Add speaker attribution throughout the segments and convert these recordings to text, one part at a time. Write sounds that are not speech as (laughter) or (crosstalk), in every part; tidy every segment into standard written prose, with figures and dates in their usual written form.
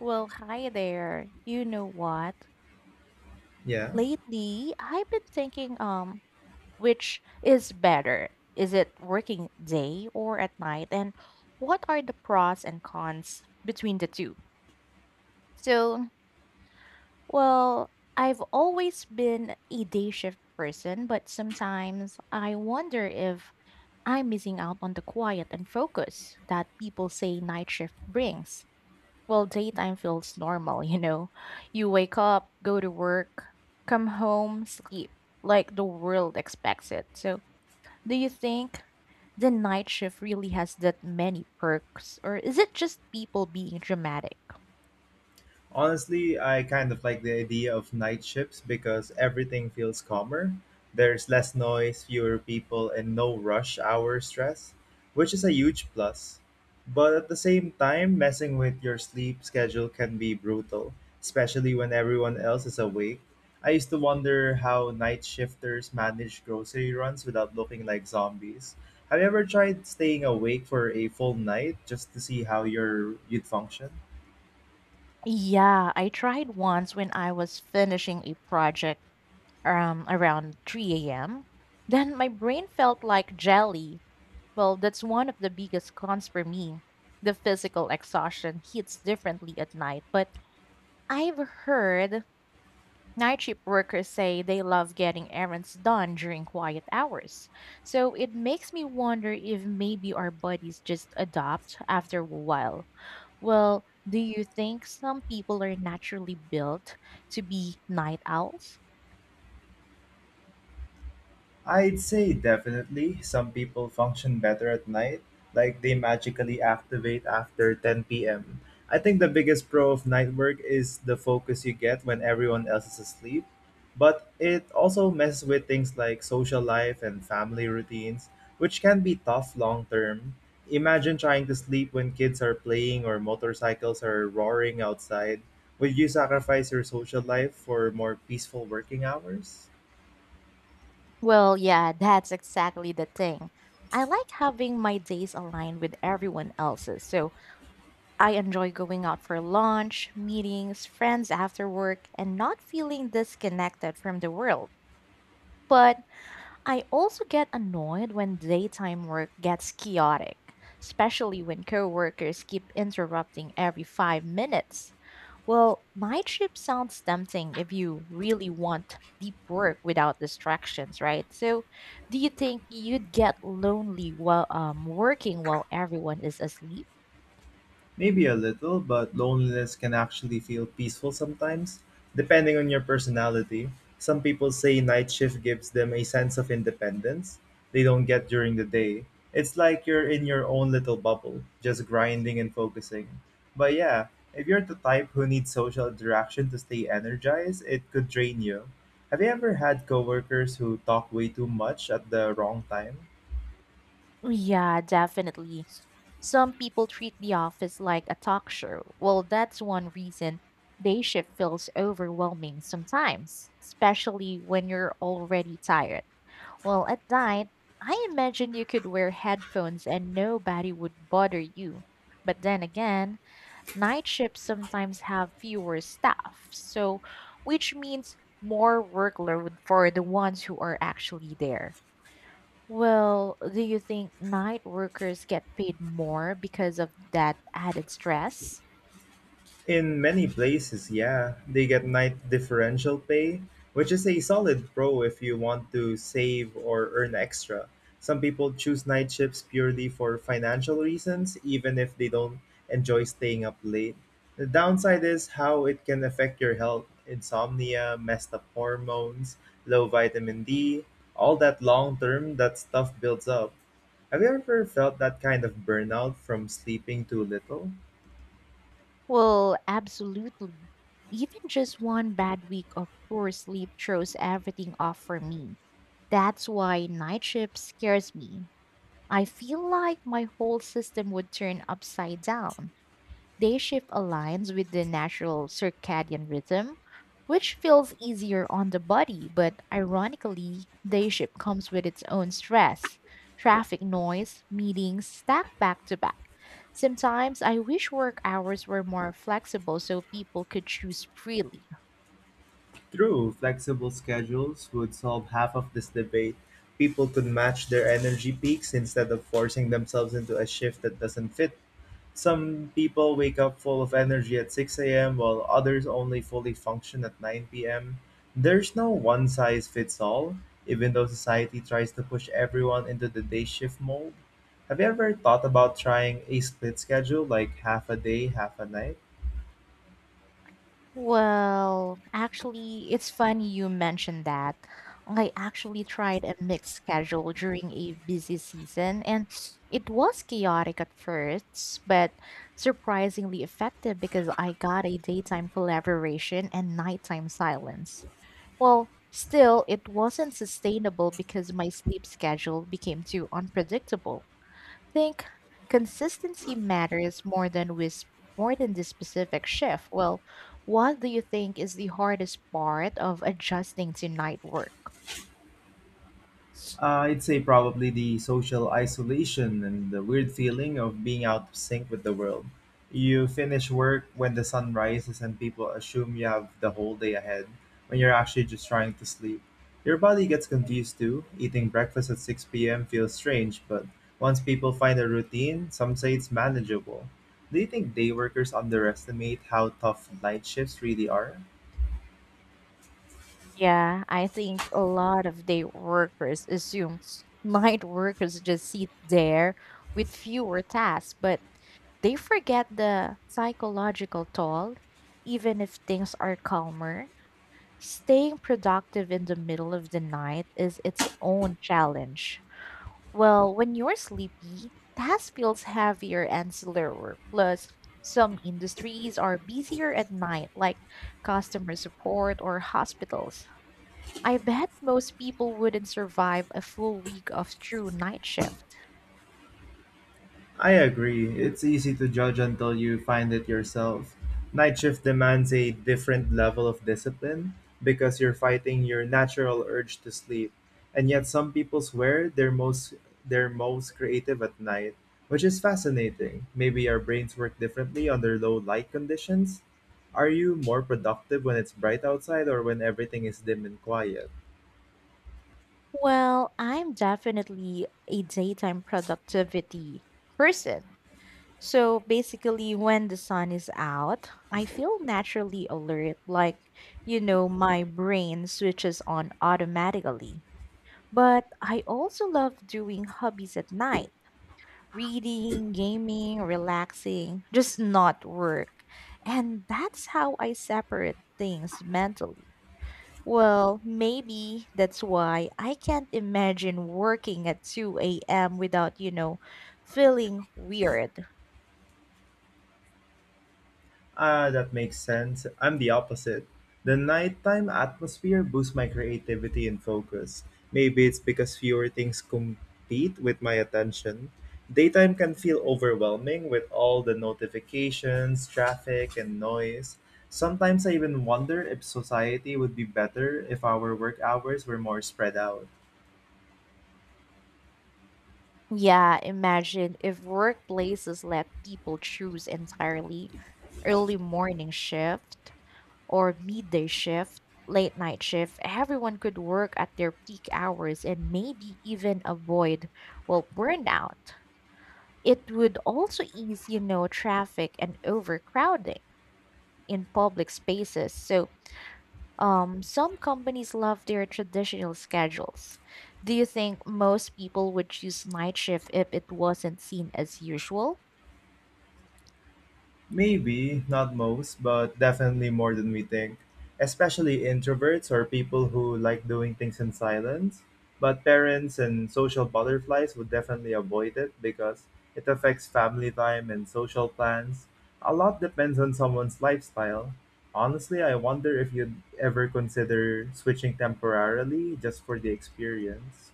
Speaker 1: Well, hi there. You know what?
Speaker 2: Yeah.
Speaker 1: Lately, I've been thinking which is better? Is it working day or at night? And what are the pros and cons between the two? So, well, I've always been a day shift person, but sometimes I wonder if I'm missing out on the quiet and focus that people say night shift brings. Well, daytime feels normal, you know. You wake up, go to work, come home, sleep, like the world expects it. So, do you think the night shift really has that many perks, or is it just people being dramatic?
Speaker 2: Honestly, I kind of like the idea of night shifts because everything feels calmer. There's less noise, fewer people, and no rush hour stress, which is a huge plus. But at the same time, messing with your sleep schedule can be brutal, especially when everyone else is awake. I used to wonder how night shifters manage grocery runs without looking like zombies. Have you ever tried staying awake for a full night just to see how your you'd function?
Speaker 1: Yeah, I tried once when I was finishing a project around 3 a.m. Then my brain felt like jelly. Well, that's one of the biggest cons for me. The physical exhaustion hits differently at night, but I've heard night shift workers say they love getting errands done during quiet hours. So it makes me wonder if maybe our bodies just adapt after a while. Well, do you think some people are naturally built to be night owls?
Speaker 2: I'd say definitely. Some people function better at night, like they magically activate after 10 p.m. I think the biggest pro of night work is the focus you get when everyone else is asleep, but it also messes with things like social life and family routines, which can be tough long term. Imagine trying to sleep when kids are playing or motorcycles are roaring outside. Would you sacrifice your social life for more peaceful working hours?
Speaker 1: Well, yeah, that's exactly the thing. I like having my days aligned with everyone else's. So I enjoy going out for lunch, meetings, friends after work, and not feeling disconnected from the world. But I also get annoyed when daytime work gets chaotic, especially when coworkers keep interrupting every 5 minutes. Well, night shift sounds tempting if you really want deep work without distractions, right? So, do you think you'd get lonely while working while everyone is asleep?
Speaker 2: Maybe a little, but loneliness can actually feel peaceful sometimes, depending on your personality. Some people say night shift gives them a sense of independence they don't get during the day. It's like you're in your own little bubble, just grinding and focusing. But yeah, if you're the type who needs social interaction to stay energized, it could drain you. Have you ever had coworkers who talk way too much at the wrong time?
Speaker 1: Yeah, definitely. Some people treat the office like a talk show. Well, that's one reason day shift feels overwhelming sometimes, especially when you're already tired. Well, at night, I imagine you could wear headphones and nobody would bother you. But then again, night shifts sometimes have fewer staff, so which means more workload for the ones who are actually there. Well, do you think night workers get paid more because of that added stress?
Speaker 2: In many places, yeah, they get night differential pay, which is a solid pro if you want to save or earn extra. Some people choose night shifts purely for financial reasons, even if they don't enjoy staying up late. The downside is how it can affect your health insomnia, messed up hormones, low vitamin D, all that long term, that stuff builds up. Have you ever felt that kind of burnout from sleeping too little?
Speaker 1: Well, absolutely. Even just one bad week of poor sleep throws everything off for me. That's why night shift scares me. I feel like my whole system would turn upside down. Day shift aligns with the natural circadian rhythm, which feels easier on the body, but ironically, day shift comes with its own stress, traffic noise, meetings stacked back to back. Sometimes I wish work hours were more flexible so people could choose freely.
Speaker 2: True, flexible schedules would solve half of this debate. People could match their energy peaks instead of forcing themselves into a shift that doesn't fit. Some people wake up full of energy at 6 a.m., while others only fully function at 9 p.m. There's no one size fits all, even though society tries to push everyone into the day shift mold. Have you ever thought about trying a split schedule, like half a day, half a night?
Speaker 1: Well, actually, it's funny you mentioned that. I actually tried a mixed schedule during a busy season, and it was chaotic at first, but surprisingly effective because I got a daytime collaboration and nighttime silence. Well, still, it wasn't sustainable because my sleep schedule became too unpredictable think consistency matters more than the specific shift. Well, what do you think is the hardest part of adjusting to night work?
Speaker 2: I'd say probably the social isolation and the weird feeling of being out of sync with the world. You finish work when the sun rises and people assume you have the whole day ahead when you're actually just trying to sleep. Your body gets confused too. Eating breakfast at 6 p.m. feels strange, but once people find a routine, some say it's manageable. Do you think day workers underestimate how tough night shifts really are?
Speaker 1: Yeah, I think a lot of day workers assume (laughs) night workers just sit there with fewer tasks, but they forget the psychological toll. Even if things are calmer, staying productive in the middle of the night is its own challenge. Well, when you're sleepy, tasks feels heavier and slower. Plus, some industries are busier at night, like customer support or hospitals. I bet most people wouldn't survive a full week of true night shift.
Speaker 2: I agree. It's easy to judge until you find it yourself. Night shift demands a different level of discipline because you're fighting your natural urge to sleep. And yet some people swear they're most creative at night, which is fascinating. Maybe our brains work differently under low light conditions. Are you more productive when it's bright outside or when everything is dim and quiet?
Speaker 1: Well, I'm definitely a daytime productivity person. So basically, when the sun is out, I feel naturally alert, like, you know, my brain switches on automatically. But I also love doing hobbies at night reading, gaming, relaxing, just not work. And that's how I separate things mentally. Well, maybe that's why I can't imagine working at 2 a.m. without, you know, feeling weird.
Speaker 2: Ah, that makes sense. I'm the opposite. The nighttime atmosphere boosts my creativity and focus. Maybe it's because fewer things compete with my attention. Daytime can feel overwhelming with all the notifications, traffic, and noise. Sometimes I even wonder if society would be better if our work hours were more spread out.
Speaker 1: Yeah, imagine if workplaces let people choose entirely early morning shift or midday shift, late night shift, everyone could work at their peak hours and maybe even avoid, well, burnout. It would also ease, you know, traffic and overcrowding in public spaces. So, some companies love their traditional schedules. Do you think most people would choose night shift if it wasn't seen as usual?
Speaker 2: Maybe, not most, but definitely more than we think. Especially introverts or people who like doing things in silence. But parents and social butterflies would definitely avoid it because it affects family time and social plans. A lot depends on someone's lifestyle. Honestly, I wonder if you'd ever consider switching temporarily just for the experience.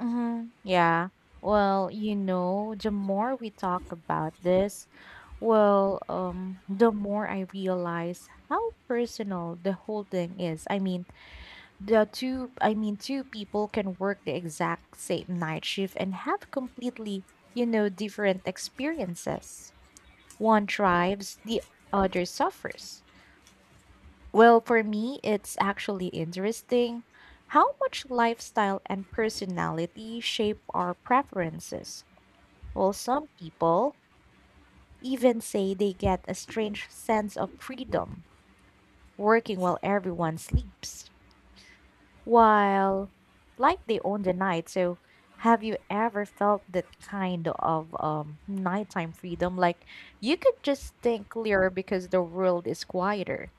Speaker 1: Mm-hmm. Yeah. Well, you know, the more we talk about this, the more I realize how personal the whole thing is. I mean, I mean, two people can work the exact same night shift and have completely, you know, different experiences. One thrives, the other suffers. Well, for me, it's actually interesting how much lifestyle and personality shape our preferences. Well, some people even say they get a strange sense of freedom working while everyone sleeps. While, like, they own the night. So, have you ever felt that kind of nighttime freedom? Like, you could just think clearer because the world is quieter.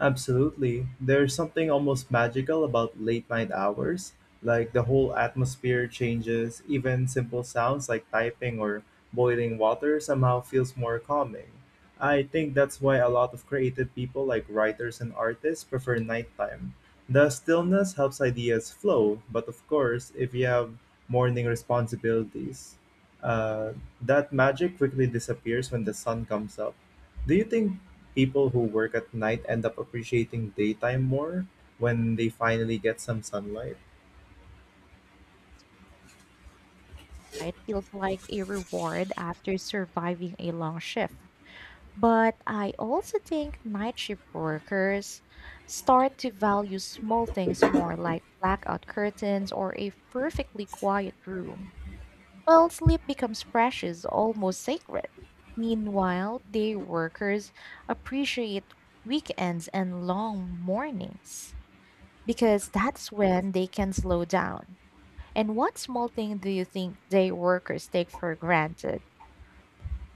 Speaker 2: Absolutely. There's something almost magical about late night hours. Like the whole atmosphere changes, even simple sounds like typing or boiling water somehow feels more calming. I think that's why a lot of creative people, like writers and artists, prefer nighttime. The stillness helps ideas flow, but of course, if you have morning responsibilities, uh, that magic quickly disappears when the sun comes up. Do you think people who work at night end up appreciating daytime more when they finally get some sunlight.
Speaker 1: It feels like a reward after surviving a long shift. But I also think night shift workers start to value small things more, like blackout curtains or a perfectly quiet room. Well, sleep becomes precious, almost sacred. Meanwhile, day workers appreciate weekends and long mornings because that's when they can slow down. And what small thing do you think day workers take for granted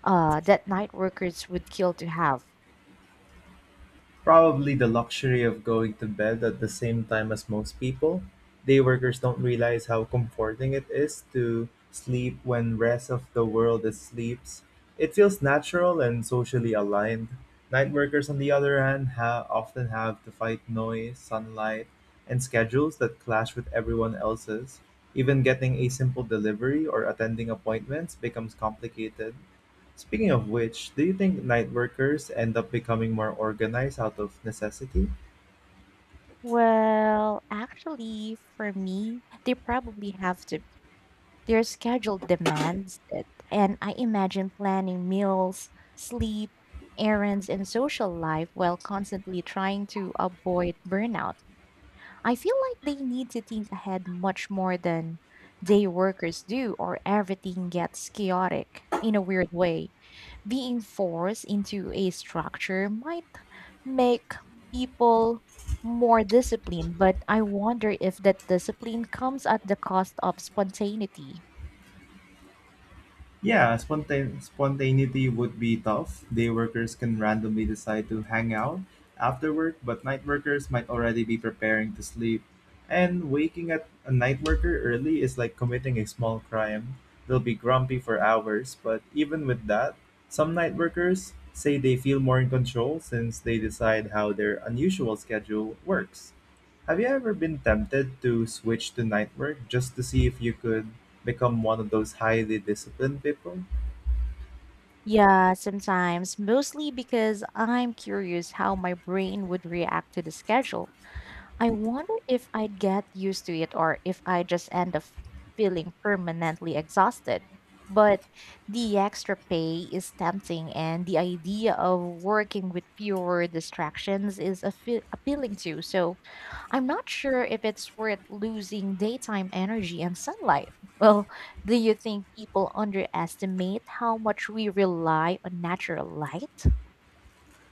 Speaker 1: that night workers would kill to have?
Speaker 2: Probably the luxury of going to bed at the same time as most people. Day workers don't realize how comforting it is to sleep when rest of the world is sleeps. It feels natural and socially aligned. Night workers, on the other hand, often have to fight noise, sunlight, and schedules that clash with everyone else's. Even getting a simple delivery or attending appointments becomes complicated. Speaking of which, do you think night workers end up becoming more organized out of necessity?
Speaker 1: Well, actually, for me, they probably have to Their schedule demands it, and I imagine planning meals, sleep, errands, and social life while constantly trying to avoid burnout. I feel like they need to think ahead much more than day workers do, or everything gets chaotic in a weird way. Being forced into a structure might make people more disciplined, but I wonder if that discipline comes at the cost of spontaneity.
Speaker 2: Yeah, spontaneity would be tough. Day workers can randomly decide to hang out after work, but night workers might already be preparing to sleep. And waking at a night worker early is like committing a small crime. They'll be grumpy for hours, but even with that, some night workers say they feel more in control since they decide how their unusual schedule works. Have you ever been tempted to switch to night work just to see if you could become one of those highly disciplined people?
Speaker 1: Yeah, sometimes, mostly because I'm curious how my brain would react to the schedule. I wonder if I'd get used to it or if I just end up feeling permanently exhausted. But the extra pay is tempting, and the idea of working with fewer distractions is a appealing too. So I'm not sure if it's worth losing daytime energy and sunlight. Well, do you think people underestimate how much we rely on natural light?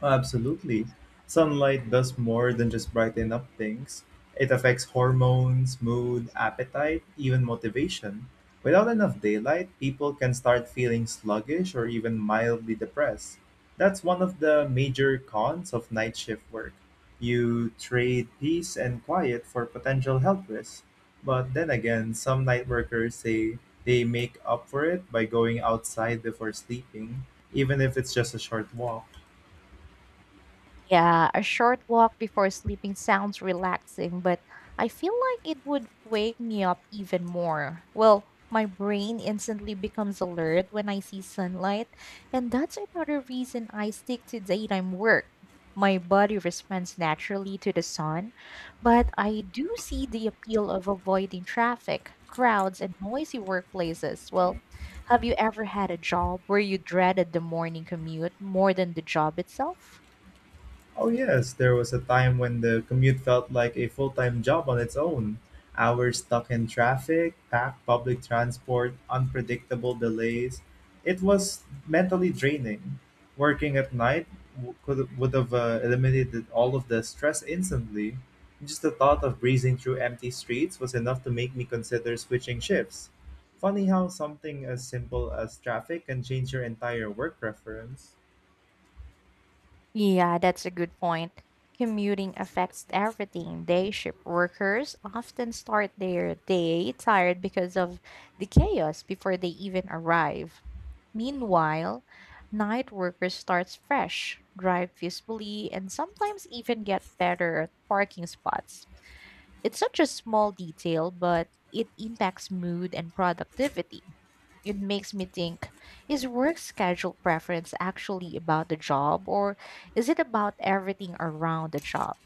Speaker 2: Oh, absolutely. Sunlight does more than just brighten up things. It affects hormones, mood, appetite, even motivation. Without enough daylight, people can start feeling sluggish or even mildly depressed. That's one of the major cons of night shift work. You trade peace and quiet for potential health risks. But then again, some night workers say they make up for it by going outside before sleeping, even if it's just a short walk.
Speaker 1: Yeah, a short walk before sleeping sounds relaxing, but I feel like it would wake me up even more. Well, my brain instantly becomes alert when I see sunlight, and that's another reason I stick to daytime work. My body responds naturally to the sun, but I do see the appeal of avoiding traffic, crowds, and noisy workplaces. Well, have you ever had a job where you dreaded the morning commute more than the job itself?
Speaker 2: Oh, yes, there was a time when the commute felt like a full time job on its own. Hours stuck in traffic, packed public transport, unpredictable delays. It was mentally draining. Working at night would have eliminated all of the stress instantly. Just the thought of breezing through empty streets was enough to make me consider switching shifts. Funny how something as simple as traffic can change your entire work preference.
Speaker 1: Yeah, that's a good point. Commuting affects everything. Day shift workers often start their day tired because of the chaos before they even arrive. Meanwhile, night workers starts fresh, drive peacefully, and sometimes even get better at parking spots. It's such a small detail, but it impacts mood and productivity it makes me think is work schedule preference actually about the job or is it about everything around the job?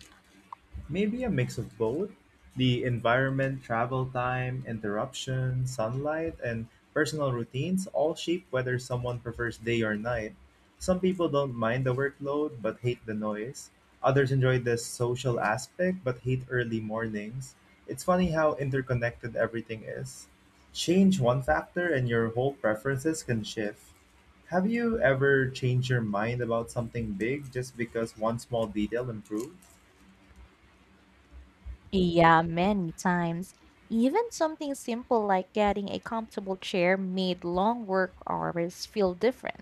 Speaker 2: Maybe a mix of both the environment, travel time, interruption, sunlight, and personal routines all shape whether someone prefers day or night. Some people don't mind the workload but hate the noise. Others enjoy the social aspect but hate early mornings. It's funny how interconnected everything is. Change one factor and your whole preferences can shift. Have you ever changed your mind about something big just because one small detail improved?
Speaker 1: Yeah, many times. Even something simple like getting a comfortable chair made long work hours feel different.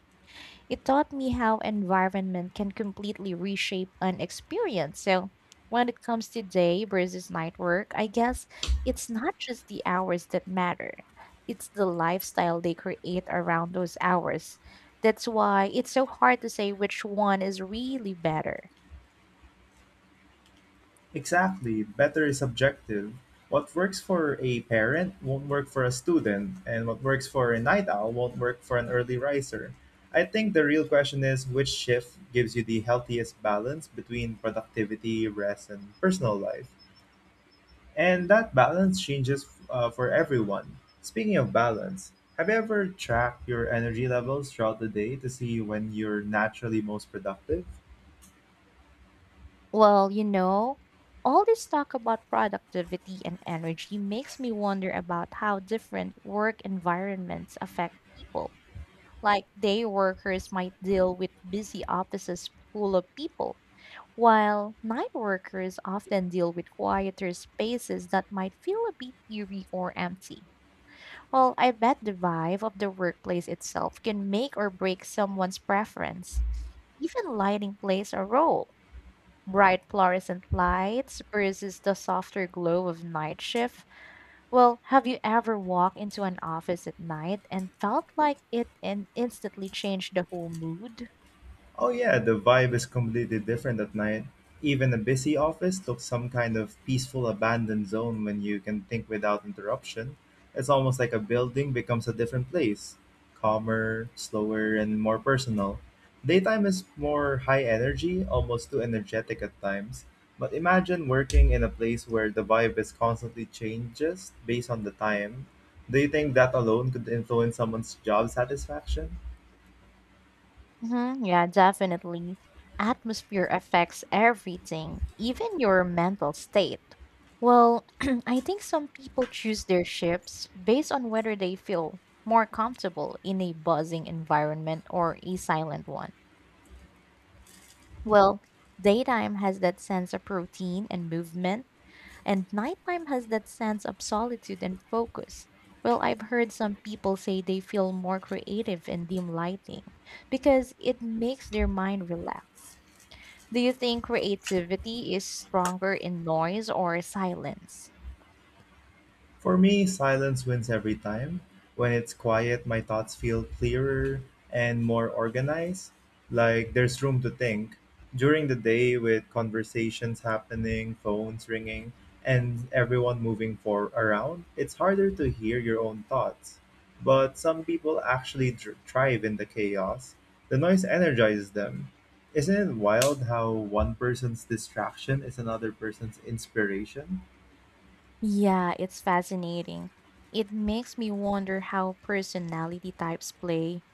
Speaker 1: It taught me how environment can completely reshape an experience. So when it comes to day versus night work, I guess it's not just the hours that matter. It's the lifestyle they create around those hours. That's why it's so hard to say which one is really better.
Speaker 2: Exactly, better is subjective. What works for a parent won't work for a student, and what works for a night owl won't work for an early riser. I think the real question is which shift gives you the healthiest balance between productivity, rest, and personal life. And that balance changes for everyone. Speaking of balance, have you ever tracked your energy levels throughout the day to see when you're naturally most productive?
Speaker 1: Well, you know, all this talk about productivity and energy makes me wonder about how different work environments affect people. Like day workers might deal with busy offices full of people, while night workers often deal with quieter spaces that might feel a bit eerie or empty. Well, I bet the vibe of the workplace itself can make or break someone's preference. Even lighting plays a role. Bright fluorescent lights versus the softer glow of night shift well, have you ever walked into an office at night and felt like it and instantly changed the whole mood?
Speaker 2: Oh yeah, the vibe is completely different at night. Even a busy office looks some kind of peaceful abandoned zone when you can think without interruption. It's almost like a building becomes a different place, calmer, slower, and more personal. Daytime is more high energy, almost too energetic at times. But imagine working in a place where the vibe is constantly changes based on the time. Do you think that alone could influence someone's job satisfaction?
Speaker 1: Hmm, yeah, definitely. Atmosphere affects everything, even your mental state. Well, (clears throat) I think some people choose their ships based on whether they feel more comfortable in a buzzing environment or a silent one. Well, daytime has that sense of routine and movement and nighttime has that sense of solitude and focus. Well, I've heard some people say they feel more creative in dim lighting because it makes their mind relax. Do you think creativity is stronger in noise or silence?
Speaker 2: For me, silence wins every time. When it's quiet, my thoughts feel clearer and more organized, like there's room to think. During the day, with conversations happening, phones ringing, and everyone moving for around, it's harder to hear your own thoughts. But some people actually thrive in the chaos. The noise energizes them. Isn't it wild how one person's distraction is another person's inspiration?
Speaker 1: Yeah, it's fascinating. It makes me wonder how personality types play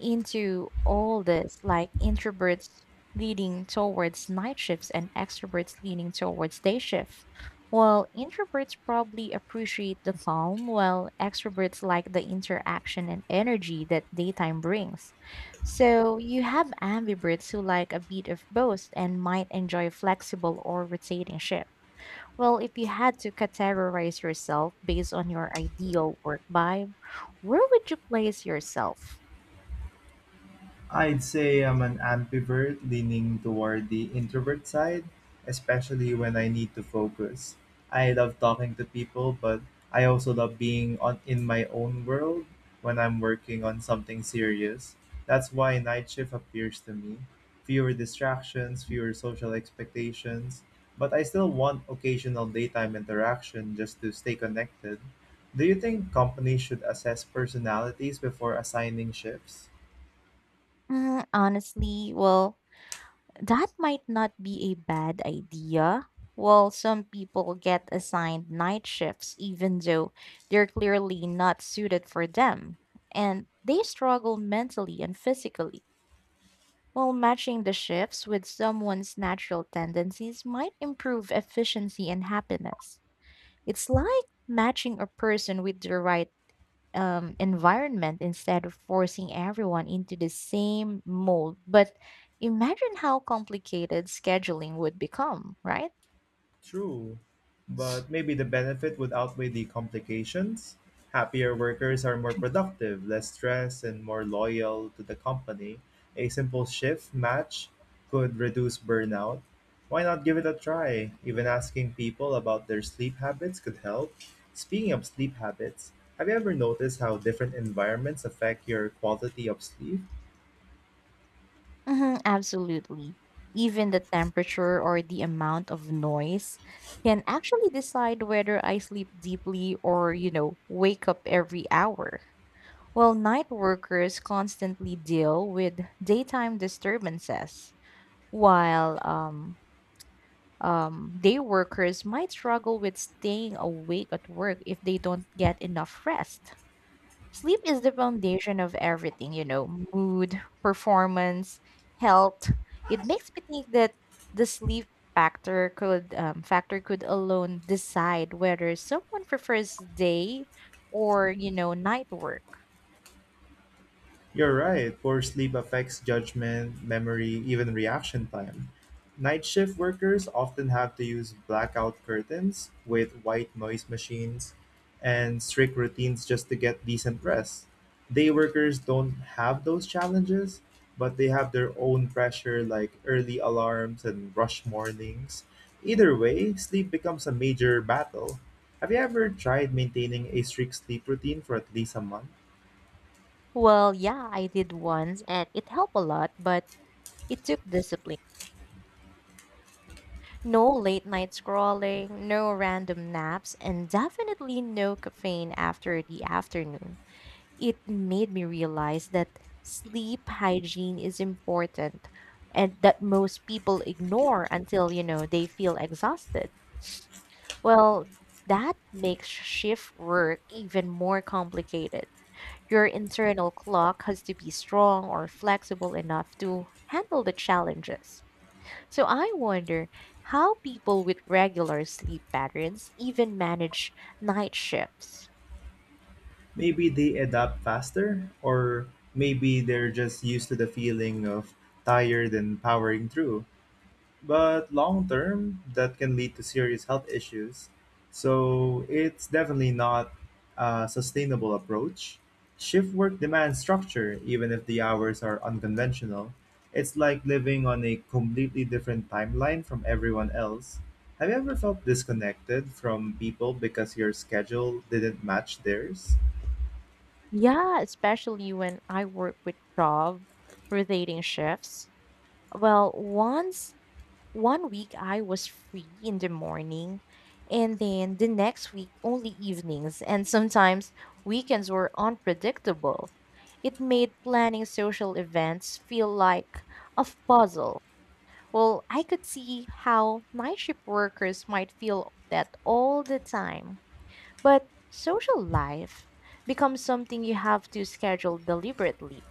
Speaker 1: into all this, like introverts leaning towards night shifts and extroverts leaning towards day shift. Well, introverts probably appreciate the calm, while extroverts like the interaction and energy that daytime brings. So you have ambiverts who like a bit of both and might enjoy flexible or rotating shifts. Well, if you had to categorize yourself based on your ideal work vibe, where would you place yourself?
Speaker 2: I'd say I'm an ambivert leaning toward the introvert side, especially when I need to focus. I love talking to people, but I also love being on in my own world when I'm working on something serious. That's why night shift appears to me. Fewer distractions, fewer social expectations, but I still want occasional daytime interaction just to stay connected. Do you think companies should assess personalities before assigning shifts?
Speaker 1: Mm, honestly, well, that might not be a bad idea. Well, some people get assigned night shifts even though they're clearly not suited for them, and they struggle mentally and physically. While matching the shifts with someone's natural tendencies might improve efficiency and happiness. It's like matching a person with the right environment instead of forcing everyone into the same mold. But imagine how complicated scheduling would become, right?
Speaker 2: True, but maybe the benefit would outweigh the complications. Happier workers are more productive, less stressed, and more loyal to the company. A simple shift match could reduce burnout. Why not give it a try? Even asking people about their sleep habits could help. Speaking of sleep habits, have you ever noticed how different environments affect your quality of sleep?
Speaker 1: Mhm, absolutely. Even the temperature or the amount of noise can actually decide whether I sleep deeply or, wake up every hour. While night workers constantly deal with daytime disturbances, while day workers might struggle with staying awake at work if they don't get enough rest. Sleep is the foundation of everything, mood, performance, health. It makes me think that the sleep factor could alone decide whether someone prefers day or night work.
Speaker 2: You're right. Poor sleep affects judgment, memory, even reaction time. Night shift workers often have to use blackout curtains with white noise machines and strict routines just to get decent rest. Day workers don't have those challenges, but they have their own pressure like early alarms and rush mornings. Either way, sleep becomes a major battle. Have you ever tried maintaining a strict sleep routine for at least a month?
Speaker 1: Well, yeah, I did once and it helped a lot, but it took discipline. No late night scrolling, no random naps, and definitely no caffeine after the afternoon. It made me realize that sleep hygiene is important and that most people ignore until, they feel exhausted. Well, that makes shift work even more complicated. Your internal clock has to be strong or flexible enough to handle the challenges. So I wonder how people with regular sleep patterns even manage night shifts.
Speaker 2: Maybe they adapt faster, or maybe they're just used to the feeling of tired and powering through. But long term, that can lead to serious health issues. So it's definitely not a sustainable approach. Shift work demands structure, even if the hours are unconventional. It's like living on a completely different timeline from everyone else. Have you ever felt disconnected from people because your schedule didn't match theirs?
Speaker 1: Yeah, especially when I work with job rotating shifts. Well, once one week I was free in the morning and then the next week only evenings and sometimes weekends were unpredictable. It made planning social events feel like a puzzle. Well, I could see how night shift workers might feel that all the time. But social life becomes something you have to schedule deliberately.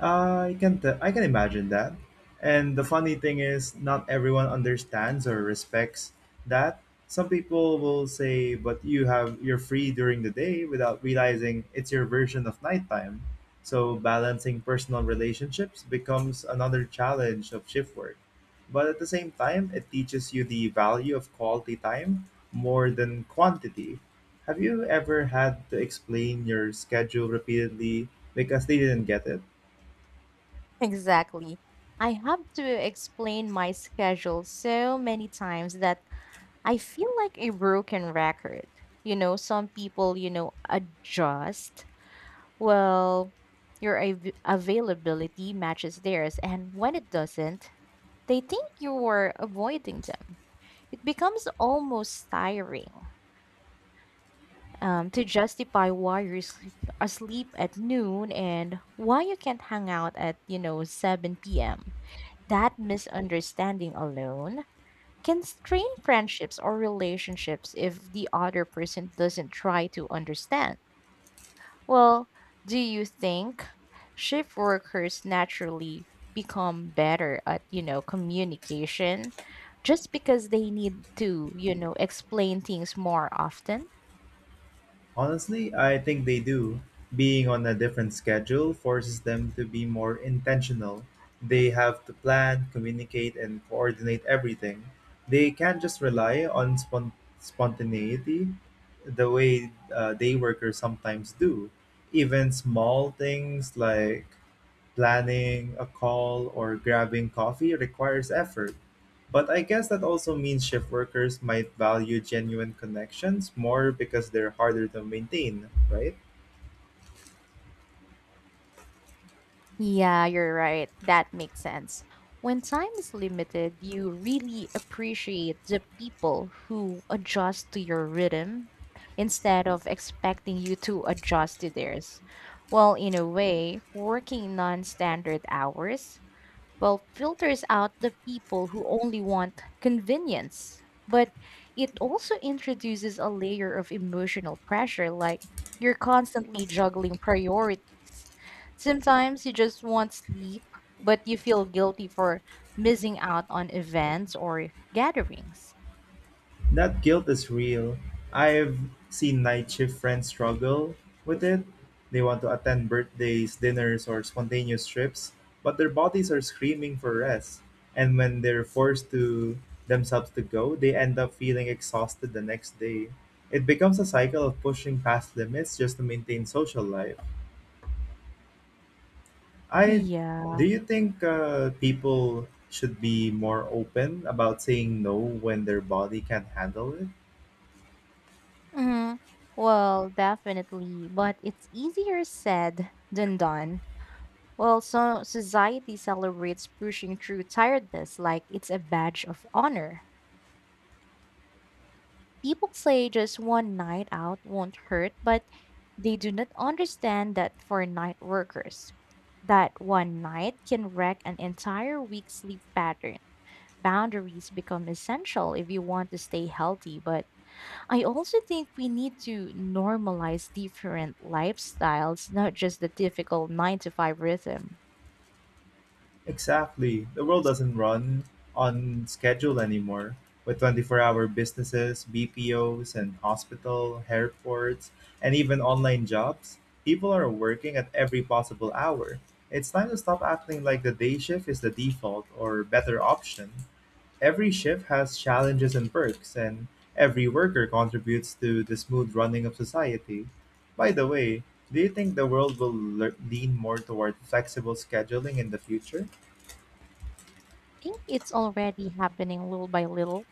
Speaker 2: I can imagine that. And the funny thing is, not everyone understands or respects that. Some people will say, "But you have you're free during the day," without realizing it's your version of nighttime. So balancing personal relationships becomes another challenge of shift work. But at the same time, it teaches you the value of quality time more than quantity. Have you ever had to explain your schedule repeatedly because they didn't get it?
Speaker 1: Exactly. I have to explain my schedule so many times that I feel like a broken record. You know, some people, adjust. Well, your availability matches theirs. And when it doesn't, they think you are avoiding them. It becomes almost tiring to justify why you're asleep at noon and why you can't hang out at, 7 p.m. That misunderstanding alone can strain friendships or relationships if the other person doesn't try to understand. Well, do you think shift workers naturally become better at, communication just because they need to, explain things more often?
Speaker 2: Honestly, I think they do. Being on a different schedule forces them to be more intentional. They have to plan, communicate, and coordinate everything. They can't just rely on spontaneity the way day workers sometimes do. Even small things like planning a call or grabbing coffee requires effort. But I guess that also means shift workers might value genuine connections more because they're harder to maintain, right?
Speaker 1: Yeah, you're right. That makes sense. When time is limited, you really appreciate the people who adjust to your rhythm instead of expecting you to adjust to theirs. Well, in a way, working non standard hours, filters out the people who only want convenience. But it also introduces a layer of emotional pressure, like you're constantly juggling priorities. Sometimes you just want sleep, but you feel guilty for missing out on events or gatherings.
Speaker 2: That guilt is real. I've seen night shift friends struggle with it. They want to attend birthdays, dinners, or spontaneous trips, but their bodies are screaming for rest. And when they're forced to themselves to go, they end up feeling exhausted the next day. It becomes a cycle of pushing past limits just to maintain social life. I
Speaker 1: Yeah.
Speaker 2: Do you think people should be more open about saying no when their body can't handle it?
Speaker 1: Hmm. Well, definitely, but it's easier said than done. Well, so society celebrates pushing through tiredness like it's a badge of honor. People say just one night out won't hurt, but they do not understand that for night workers, that one night can wreck an entire week's sleep pattern. Boundaries become essential if you want to stay healthy, but I also think we need to normalize different lifestyles, not just the difficult 9 to 5 rhythm.
Speaker 2: Exactly. The world doesn't run on schedule anymore. With 24-hour businesses, BPOs, and hospital, airports, and even online jobs, people are working at every possible hour. It's time to stop acting like the day shift is the default or better option. Every shift has challenges and perks, and every worker contributes to the smooth running of society. By the way, do you think the world will lean more toward flexible scheduling in the future?
Speaker 1: Think it's already happening little by little.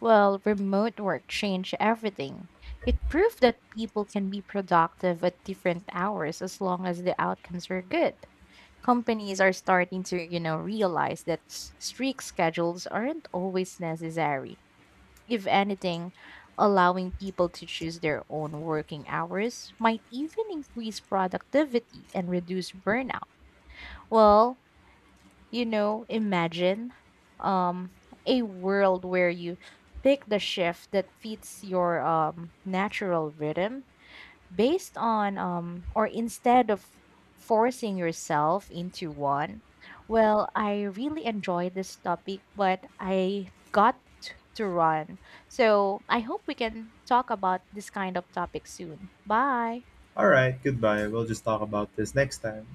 Speaker 1: Well, remote work changed everything. It proved that people can be productive at different hours as long as the outcomes were good. Companies are starting to, realize that strict schedules aren't always necessary. If anything, allowing people to choose their own working hours might even increase productivity and reduce burnout. Well, imagine um a world where you pick the shift that fits your natural rhythm based on or instead of forcing yourself into one. Well, I really enjoyed this topic, but I got to run. So, I hope we can talk about this kind of topic soon. Bye.
Speaker 2: All right, goodbye. We'll just talk about this next time.